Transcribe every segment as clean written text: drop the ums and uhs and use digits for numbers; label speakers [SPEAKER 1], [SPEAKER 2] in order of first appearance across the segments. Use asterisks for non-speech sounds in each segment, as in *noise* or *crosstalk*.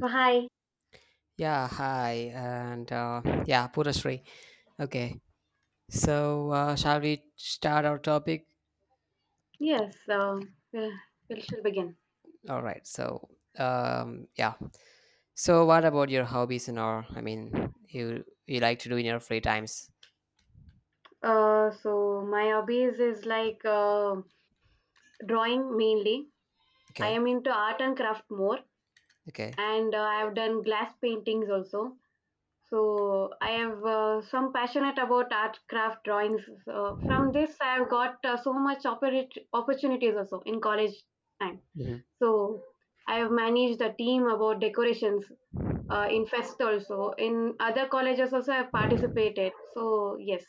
[SPEAKER 1] So hi,
[SPEAKER 2] Yeah, hi, and yeah, Purashri. Okay, so shall we start our topic?
[SPEAKER 1] yes, we'll, we'll shall begin.
[SPEAKER 2] All right. So, yeah. So, what about your hobbies and all? I mean, you like to do in your free times?
[SPEAKER 1] So my hobbies is like drawing mainly. I
[SPEAKER 2] Okay,
[SPEAKER 1] am into art and craft more,
[SPEAKER 2] okay.
[SPEAKER 1] and I have done glass paintings also. So I have some passionate about art craft drawings. From this, I have got so much opportunities also in college time. So I have managed a team about decorations. In fest also, in other colleges also, I've participated, so yes.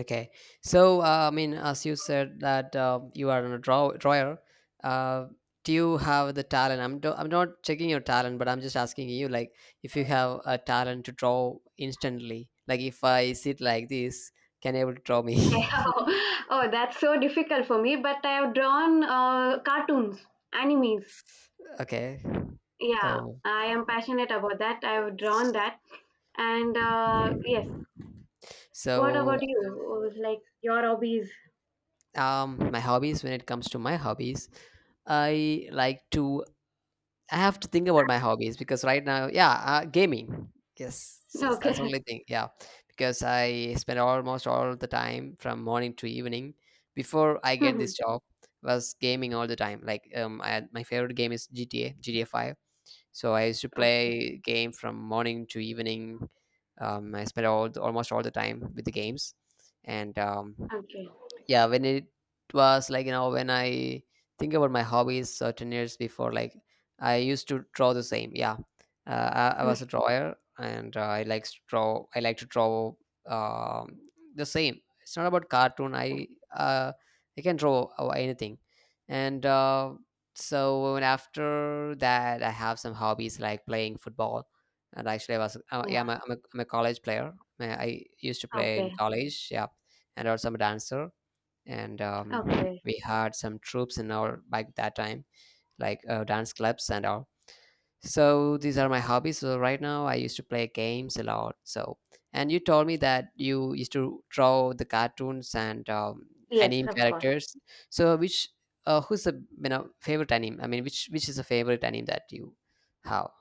[SPEAKER 2] Okay, so I mean, as you said that you are a drawer, uh, do you have the talent? I'm not checking your talent, but I'm just asking you, like, if you have a talent to draw instantly, like if I sit like this, can you able to draw me?
[SPEAKER 1] *laughs* Oh, that's so difficult for me, but I have drawn cartoons, animes.
[SPEAKER 2] *laughs* okay.
[SPEAKER 1] Yeah,
[SPEAKER 2] Oh.
[SPEAKER 1] I am passionate about that. I have drawn that, and yes. What
[SPEAKER 2] So,
[SPEAKER 1] about you? Oh, like your hobbies.
[SPEAKER 2] my hobbies. When it comes to my hobbies, I like to I have to think about my hobbies because right now, yeah, gaming. Yes, yes, that's the
[SPEAKER 1] Okay.
[SPEAKER 2] only thing. Yeah, because I spend almost all the time from morning to evening before I get this
[SPEAKER 1] *laughs*
[SPEAKER 2] job was gaming all the time. Like my favorite game is GTA, GTA Five. So I used to
[SPEAKER 1] Okay.
[SPEAKER 2] play game from morning to evening. I spent almost all the time with the games, and
[SPEAKER 1] Okay.
[SPEAKER 2] yeah. When it was like, you know, when I think about my hobbies 10 years before, like I used to draw the same. Yeah, I was a
[SPEAKER 1] *laughs*
[SPEAKER 2] drawer and I like to draw. I like to draw um, the same, it's not about cartoon. I uh, i can draw anything. And So, and after that I have some hobbies like playing football, and actually I was yeah
[SPEAKER 1] Yeah.
[SPEAKER 2] I'm a, I'm, a, I'm a college player. I used to play in
[SPEAKER 1] Okay.
[SPEAKER 2] college. Yeah, and also I'm a dancer, and
[SPEAKER 1] Okay.
[SPEAKER 2] we had some troops in our back that time, like dance clubs and all. So these are my hobbies. So right now I used to play games a lot. So, and you told me that you used to draw the cartoons and
[SPEAKER 1] Yes,
[SPEAKER 2] anime
[SPEAKER 1] of course.
[SPEAKER 2] characters. So which who's the you know, favorite anime, which is the favorite anime that you have?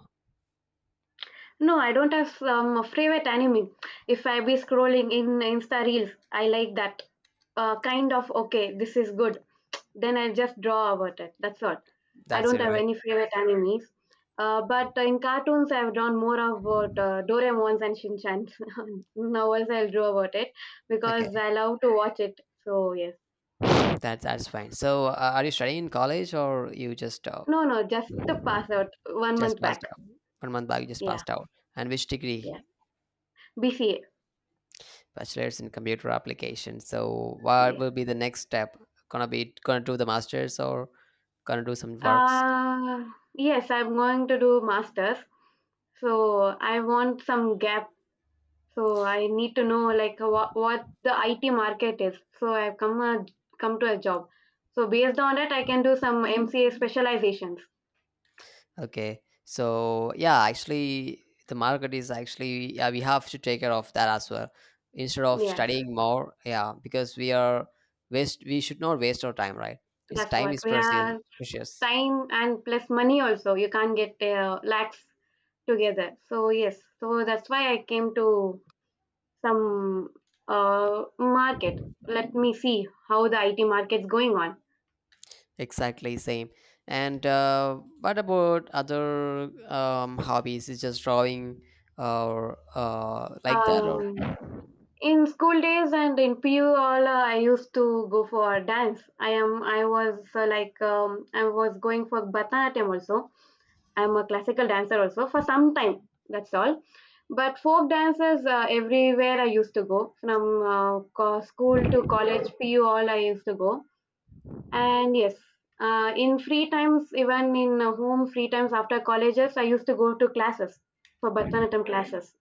[SPEAKER 1] No, I don't have a favorite anime. If I be scrolling in Insta Reels, I like that, kind of okay, this is good. Then I just draw about it. That's all. I
[SPEAKER 2] That's
[SPEAKER 1] don't
[SPEAKER 2] it,
[SPEAKER 1] have
[SPEAKER 2] right?
[SPEAKER 1] any favorite animes. But in cartoons, I've drawn more about Doraemon's and Shinchans. *laughs* Novels, I'll draw about it
[SPEAKER 2] Okay,
[SPEAKER 1] because I love to watch it. So, yes.
[SPEAKER 2] that that's fine. So are you studying in college or you
[SPEAKER 1] No, no, just to pass out one
[SPEAKER 2] just
[SPEAKER 1] month
[SPEAKER 2] passed
[SPEAKER 1] back.
[SPEAKER 2] out 1 month back? You just
[SPEAKER 1] Yeah,
[SPEAKER 2] passed out, and which
[SPEAKER 1] yeah.
[SPEAKER 2] degree?
[SPEAKER 1] BCA.
[SPEAKER 2] Bachelor's in computer application. So what
[SPEAKER 1] Yeah.
[SPEAKER 2] will be the next step? Gonna do the masters or gonna do some works?
[SPEAKER 1] Uh, yes, I'm going to do masters. So I want some gap. So I need to know like what the IT market is. So I've come to a job. So based on that, I can do some MCA specializations.
[SPEAKER 2] Okay. So yeah, actually the market is actually, yeah, we have to take care of that as well. Instead of
[SPEAKER 1] Yes,
[SPEAKER 2] studying more, yeah, because we are waste, we should not waste our time, right? It's
[SPEAKER 1] that's
[SPEAKER 2] time
[SPEAKER 1] what
[SPEAKER 2] is
[SPEAKER 1] we
[SPEAKER 2] precious,
[SPEAKER 1] are.
[SPEAKER 2] precious.
[SPEAKER 1] Time and plus money also. You can't get lakhs together. So yes, so that's why I came to some market. Let me see how the IT market's going on.
[SPEAKER 2] Exactly same. And what about other hobbies? Is just drawing or like that or
[SPEAKER 1] Um, in school days and in pu all, I used to go for dance. I was like, I was going for bharatanatyam also. I'm a classical dancer also for some time. That's all. But folk dances, everywhere I used to go from school to college, pu all I used to go, and yes. In free times, even in home free times, after colleges I used to go to classes for bharatanatyam classes.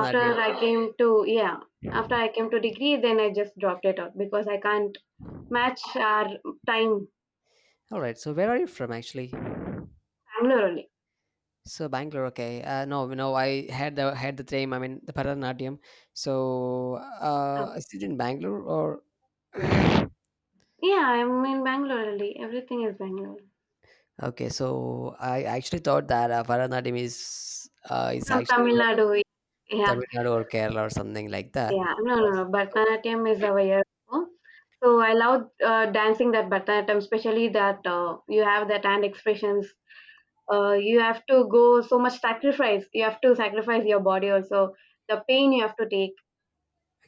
[SPEAKER 1] after i came to yeah After I came to degree, then I just dropped it out because I can't match our time.
[SPEAKER 2] All right. So where are you from actually?
[SPEAKER 1] Bangalore only.
[SPEAKER 2] So Bangalore. Okay. No, no. I had the same. I mean the Bharatanatyam. So is
[SPEAKER 1] Okay.
[SPEAKER 2] it in Bangalore or?
[SPEAKER 1] Yeah, I'm in Bangalore only, everything is Bangalore.
[SPEAKER 2] Okay, so I actually thought that Bharatanatyam is
[SPEAKER 1] From
[SPEAKER 2] actually
[SPEAKER 1] Tamil Nadu. Yeah.
[SPEAKER 2] Tamil Nadu or Kerala or something like that.
[SPEAKER 1] Yeah, no, no,
[SPEAKER 2] Yes,
[SPEAKER 1] no,
[SPEAKER 2] yes.
[SPEAKER 1] bharatanatyam is our year. So I love dancing, that bharatanatyam especially, that you have that hand expressions, you have to go so much sacrifice, you have to sacrifice your body also, the pain you have to take.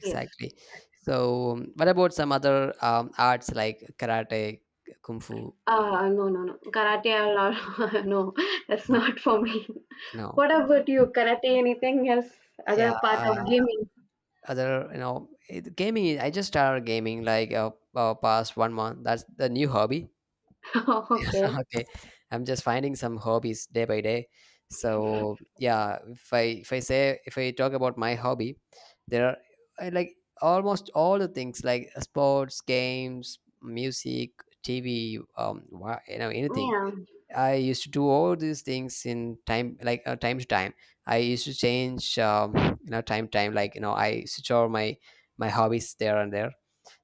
[SPEAKER 1] Yes.
[SPEAKER 2] So, what about some other arts like karate, kung fu?
[SPEAKER 1] No, no, no. Karate, I'll, *laughs* no, that's
[SPEAKER 2] No,
[SPEAKER 1] not for me.
[SPEAKER 2] no.
[SPEAKER 1] What about you? Karate, anything else?
[SPEAKER 2] Yeah,
[SPEAKER 1] Other part of gaming? *laughs*
[SPEAKER 2] other, you know, gaming. I just started gaming like past 1 month. That's the new hobby.
[SPEAKER 1] Oh, okay.
[SPEAKER 2] *laughs* Okay. I'm just finding some hobbies day by day. So yeah, if I talk about my hobby, there are I like almost all the things like sports, games, music, TV, you know, anything.
[SPEAKER 1] Yeah.
[SPEAKER 2] I used to do all these things in time, like time to time. I used to change you know, time time like you know, I switch over my hobbies there and there.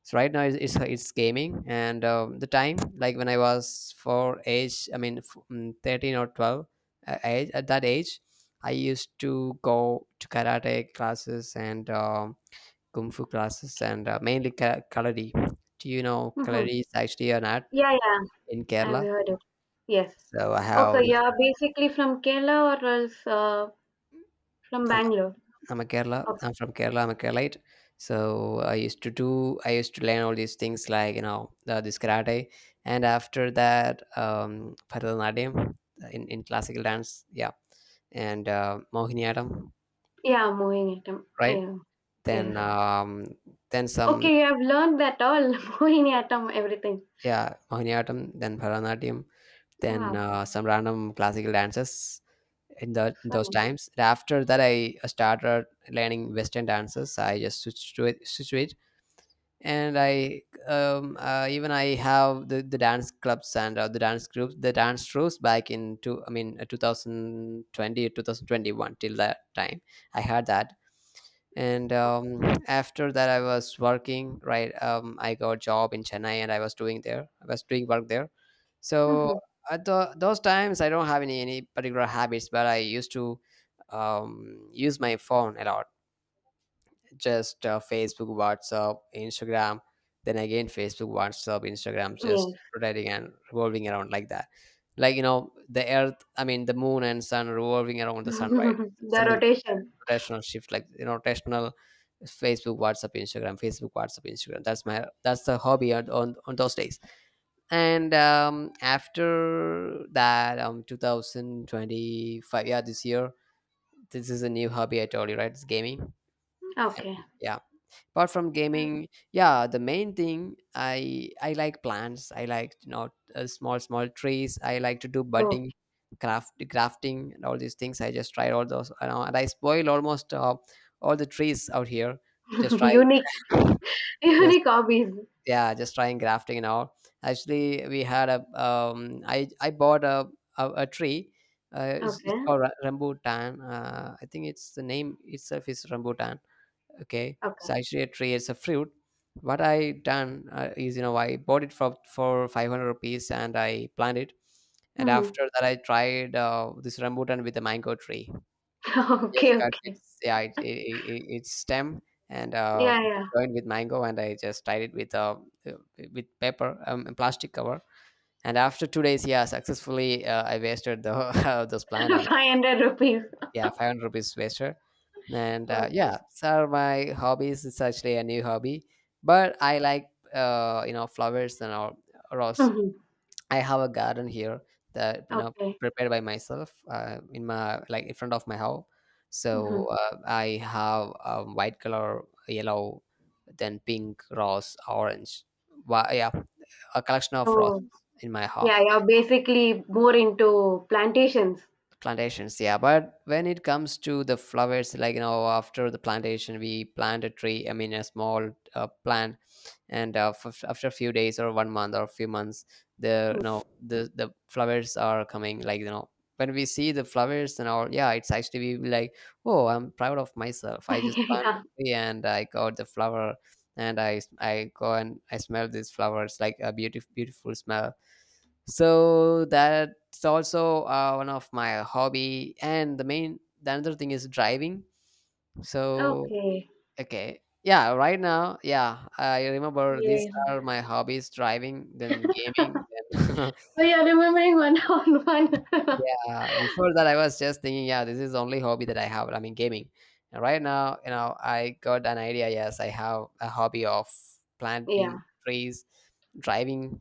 [SPEAKER 2] So right now it's gaming, and the time, like when I was for age, I mean, 13 or 12 age, at that age I used to go to karate classes and kung fu classes,
[SPEAKER 1] Okay.
[SPEAKER 2] and mainly kaladi. Do you know
[SPEAKER 1] Hmm.
[SPEAKER 2] kaladi is actually an art
[SPEAKER 1] Yeah, yeah.
[SPEAKER 2] in
[SPEAKER 1] I've
[SPEAKER 2] Kerala?
[SPEAKER 1] heard it. Yes.
[SPEAKER 2] So I have
[SPEAKER 1] Okay,
[SPEAKER 2] like,
[SPEAKER 1] you're basically from Kerala or else from
[SPEAKER 2] I
[SPEAKER 1] Bangalore.
[SPEAKER 2] I'm a Kerala.
[SPEAKER 1] Okay.
[SPEAKER 2] I'm from Kerala. I'm a Keralite. So I used to do. I used to learn all these things, like you know, this karate, and after that, Bharatanatyam, in classical dance. Yeah, and Mohiniyattam,
[SPEAKER 1] Yeah, Mohiniyattam.
[SPEAKER 2] right?
[SPEAKER 1] Yeah. Yes.
[SPEAKER 2] Then um, then some
[SPEAKER 1] Okay, you have learned that all. *laughs* Mohiniyattam, everything.
[SPEAKER 2] yeah, Mohiniyattam, then Bharatanatyam, then
[SPEAKER 1] Wow.
[SPEAKER 2] some random classical dances in the in
[SPEAKER 1] So
[SPEAKER 2] those
[SPEAKER 1] nice.
[SPEAKER 2] times. And after that, I started learning Western dances. I just switched to it, and I even I have the dance clubs and the dance groups, the dance troupes back in 2020 or 2021. Till that time I had that. And after that, I was working, right? I got a job in Chennai and I was doing work there. So
[SPEAKER 1] Mm-hmm.
[SPEAKER 2] at those times, I don't have any particular habits, but I used to use my phone a lot, just Facebook, WhatsApp, Instagram, then again Facebook, WhatsApp, Instagram, just
[SPEAKER 1] Yes.
[SPEAKER 2] rotating and revolving around like that. Like, you know, the earth, I mean, the moon and sun revolving around the sun, right?
[SPEAKER 1] *laughs* The
[SPEAKER 2] Something
[SPEAKER 1] rotation.
[SPEAKER 2] rotational shift, like, you know, rotational Facebook, WhatsApp, Instagram, Facebook, WhatsApp, Instagram. That's the hobby on, on those days. And after that, 2025, yeah, this year, this is a new hobby I told you, right? It's gaming.
[SPEAKER 1] Okay.
[SPEAKER 2] And yeah, apart from gaming, yeah, the main thing, I like plants. I like, you know, small small trees. I like to do budding, crafting and all these things. I just try all those, you know, and I spoil almost all the trees out here, just
[SPEAKER 1] *laughs*
[SPEAKER 2] trying,
[SPEAKER 1] Unique
[SPEAKER 2] *laughs* just
[SPEAKER 1] unique hobbies.
[SPEAKER 2] yeah, just trying grafting and all. Actually we had a um I bought a a tree. It's
[SPEAKER 1] Okay.
[SPEAKER 2] called rambutan. I think it's the name itself is rambutan. Okay,
[SPEAKER 1] Okay.
[SPEAKER 2] so actually it creates a fruit. What I done is, you know, I bought it for 500 rupees and I planted. And
[SPEAKER 1] Mhm.
[SPEAKER 2] after that I tried this rambutan with the mango tree.
[SPEAKER 1] *laughs*
[SPEAKER 2] Yes,
[SPEAKER 1] Okay,
[SPEAKER 2] cut
[SPEAKER 1] okay.
[SPEAKER 2] its, yeah, its stem, and
[SPEAKER 1] Yeah, yeah.
[SPEAKER 2] joined with mango, and I just tied it uh, with paper, plastic cover. And after 2 days, yeah, successfully I wasted the *laughs* those plant. And
[SPEAKER 1] *laughs* ₹500.
[SPEAKER 2] yeah, 500 rupees wasted. And
[SPEAKER 1] Okay.
[SPEAKER 2] yeah, so my hobbies, it's actually a new hobby, but I like, you know, flowers and all, rose.
[SPEAKER 1] Mhm.
[SPEAKER 2] I have a garden here that, you know,
[SPEAKER 1] Okay.
[SPEAKER 2] prepared by myself in my, like, in front of my house.
[SPEAKER 1] Mhm.
[SPEAKER 2] So I have white color, yellow, then pink rose, orange. Wha yeah, a collection of
[SPEAKER 1] So,
[SPEAKER 2] roses in my home.
[SPEAKER 1] yeah, you're basically more into plantations.
[SPEAKER 2] Plantations, yeah, but when it comes to the flowers, like, you know, after the plantation, we plant a tree, I mean a small plant, and after a few days or 1 month or a few months, the, you know,
[SPEAKER 1] Mm.
[SPEAKER 2] the flowers are coming, like, you know, when we see the flowers and all, yeah, it's actually we be like, oh, I'm proud of myself, I just
[SPEAKER 1] *laughs*
[SPEAKER 2] planted
[SPEAKER 1] Yeah.
[SPEAKER 2] a tree and I got the flower. And I go and I smell these flowers, like a beautiful beautiful smell. So that's also one of my hobby. And the another thing is driving. So
[SPEAKER 1] Okay.
[SPEAKER 2] okay, yeah, right now, yeah, I remember these
[SPEAKER 1] Okay.
[SPEAKER 2] are my hobbies: driving, then gaming, then
[SPEAKER 1] So you're remembering one *laughs* on one.
[SPEAKER 2] *laughs*
[SPEAKER 1] *laughs*
[SPEAKER 2] yeah. Before that I was just thinking, yeah, this is the only hobby that I have, I mean gaming. And right now, you know, I got an idea. Yes, I have a hobby of
[SPEAKER 1] Yeah.
[SPEAKER 2] planting trees, driving,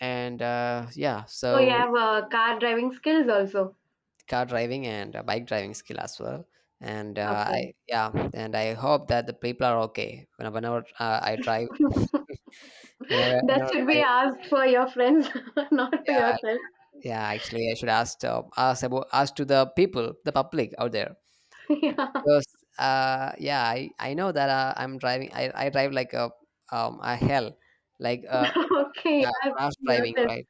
[SPEAKER 2] and yeah,
[SPEAKER 1] So you
[SPEAKER 2] so
[SPEAKER 1] have car driving skills also.
[SPEAKER 2] car driving and bike driving skill as well. And I
[SPEAKER 1] Okay.
[SPEAKER 2] yeah, and I hope that the people are okay whenever I drive. *laughs* whenever
[SPEAKER 1] That
[SPEAKER 2] whenever
[SPEAKER 1] should be
[SPEAKER 2] i
[SPEAKER 1] asked for your friends, *laughs* not to
[SPEAKER 2] yeah,
[SPEAKER 1] yourself.
[SPEAKER 2] yeah, actually I should ask ask about ask to the people, the public out there,
[SPEAKER 1] *laughs* Yeah.
[SPEAKER 2] because yeah I know that I'm driving I drive like a hell, like
[SPEAKER 1] Okay.
[SPEAKER 2] yeah,
[SPEAKER 1] Ask
[SPEAKER 2] rash driving,
[SPEAKER 1] yourself.
[SPEAKER 2] right?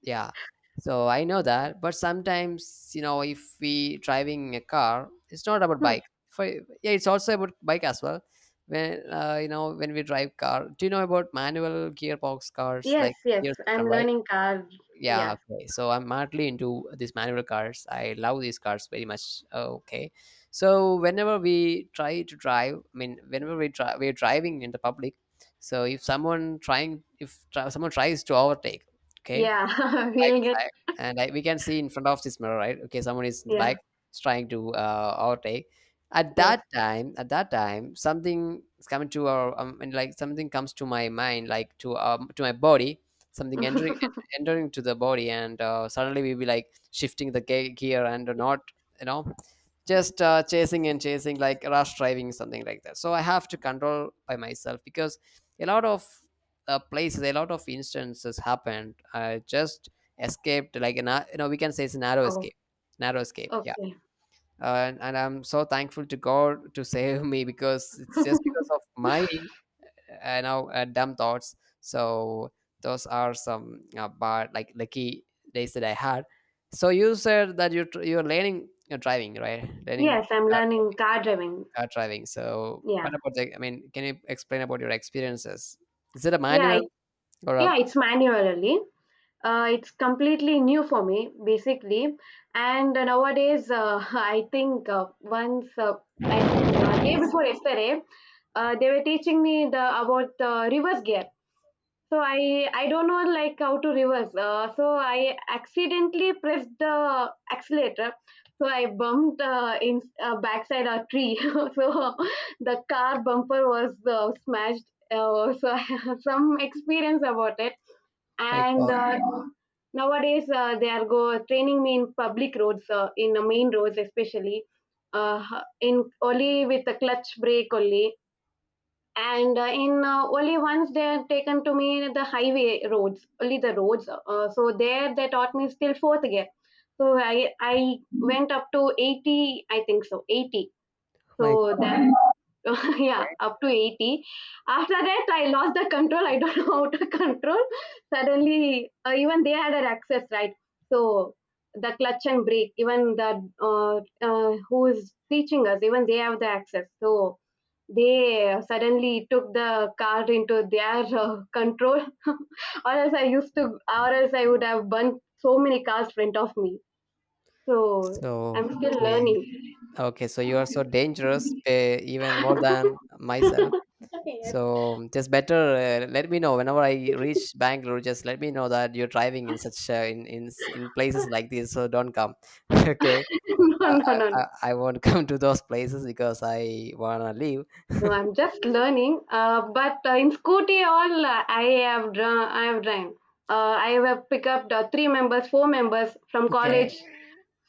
[SPEAKER 2] Yeah, so I know that. But sometimes, you know, if we driving a car, it's not about
[SPEAKER 1] Hmm.
[SPEAKER 2] bike for, yeah, it's also about bike as well. When you know, when we drive car, do you know about manual gearbox cars,
[SPEAKER 1] Yes,
[SPEAKER 2] like
[SPEAKER 1] yes.
[SPEAKER 2] gear system,
[SPEAKER 1] I'm
[SPEAKER 2] right?
[SPEAKER 1] learning car.
[SPEAKER 2] Yeah,
[SPEAKER 1] Yeah.
[SPEAKER 2] okay, so I'm madly into these manual cars. I love these cars very much. Okay, so whenever we try to drive, I mean whenever we're driving in the public, so if someone trying if someone tries to overtake, okay,
[SPEAKER 1] Yeah. *laughs*
[SPEAKER 2] bike
[SPEAKER 1] We'll get.
[SPEAKER 2] side, and I, we can see in front of this mirror, right? Okay, someone is in the
[SPEAKER 1] Yeah.
[SPEAKER 2] bike is trying to overtake.
[SPEAKER 1] Yes.
[SPEAKER 2] At that time, something is coming to our and like something comes to my mind, like to my body, something entering,
[SPEAKER 1] *laughs*
[SPEAKER 2] entering to the body, and suddenly we be like shifting the gear, and not, you know, just chasing and chasing, like rush driving, something like that. So I have to control by myself, because a lot of places, a lot of instances happened. I just escaped, like an, you know, we can say it's a narrow
[SPEAKER 1] Oh,
[SPEAKER 2] escape, narrow escape, yeah.
[SPEAKER 1] okay.
[SPEAKER 2] And I'm so thankful to god to save me, because it's just
[SPEAKER 1] *laughs*
[SPEAKER 2] because of my you know, dumb thoughts. So those are some bad, like lucky days that I had. So you said that you're learning, you're driving, right? Learning
[SPEAKER 1] Yes, I'm
[SPEAKER 2] uh,
[SPEAKER 1] learning car driving.
[SPEAKER 2] car driving. So,
[SPEAKER 1] Yeah.
[SPEAKER 2] what about the, I mean, can you explain about your experiences? Is it a
[SPEAKER 1] Yeah.
[SPEAKER 2] manual or a
[SPEAKER 1] Yeah. It's manually. It's completely new for me, basically. And nowadays, *laughs* I think day before yesterday, they were teaching me the about the reverse gear. So I don't know like how to reverse. So I accidentally pressed the accelerator. So I bumped in backside a tree. *laughs* So the car bumper was smashed. So *laughs* I have some experience about it.
[SPEAKER 2] my
[SPEAKER 1] And
[SPEAKER 2] God,
[SPEAKER 1] nowadays, they are go training me in public roads, in the main roads especially, uh, in only with the clutch brake only, and in only once they are taken to me the highway roads, only the roads, so there they taught me still fourth year. So I went up to 80, I think, so 80,
[SPEAKER 2] my
[SPEAKER 1] so
[SPEAKER 2] God.
[SPEAKER 1] that *laughs* yeah, up to 80. After that, I lost the control. I don't *laughs* know how to control. Suddenly, even they had an access, right? So the clutch and brake, even the uh, who is teaching us, even they have the access, so they suddenly took the car into their control. *laughs* or else i used to or else I would have burnt so many cars in front of me. So
[SPEAKER 2] So,
[SPEAKER 1] I'm still
[SPEAKER 2] okay,
[SPEAKER 1] learning. *laughs*
[SPEAKER 2] okay. So you are so dangerous, even more than myself.
[SPEAKER 1] Okay, yes.
[SPEAKER 2] So just better let me know whenever I reach Bangalore. Just let me know that you're driving in such in places like this. So don't come. *laughs* okay,
[SPEAKER 1] *laughs* No,
[SPEAKER 2] I,
[SPEAKER 1] no, no, no.
[SPEAKER 2] I won't *laughs* come to those places because I wanna leave.
[SPEAKER 1] No,
[SPEAKER 2] *laughs*
[SPEAKER 1] I'm just learning, but in scooty all, I have driven, I have picked up the three members, four members, from
[SPEAKER 2] okay,
[SPEAKER 1] college,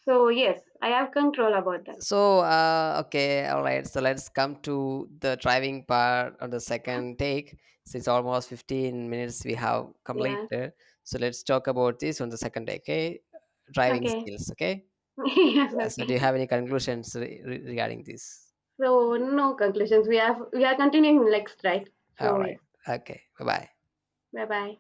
[SPEAKER 1] so yes, I have control about that.
[SPEAKER 2] so, okay, all right. So let's come to the driving part of the second take. Since almost 15 minutes we have
[SPEAKER 1] Yeah,
[SPEAKER 2] completed, so let's talk about this on the second take. Okay, driving
[SPEAKER 1] okay.
[SPEAKER 2] skills. Okay,
[SPEAKER 1] *laughs* Yes,
[SPEAKER 2] yeah. So, do
[SPEAKER 1] okay.
[SPEAKER 2] you have any conclusions regarding this?
[SPEAKER 1] So no conclusions. We are continuing next, right?
[SPEAKER 2] All
[SPEAKER 1] So yeah.
[SPEAKER 2] right. Okay. Bye bye.
[SPEAKER 1] Bye bye.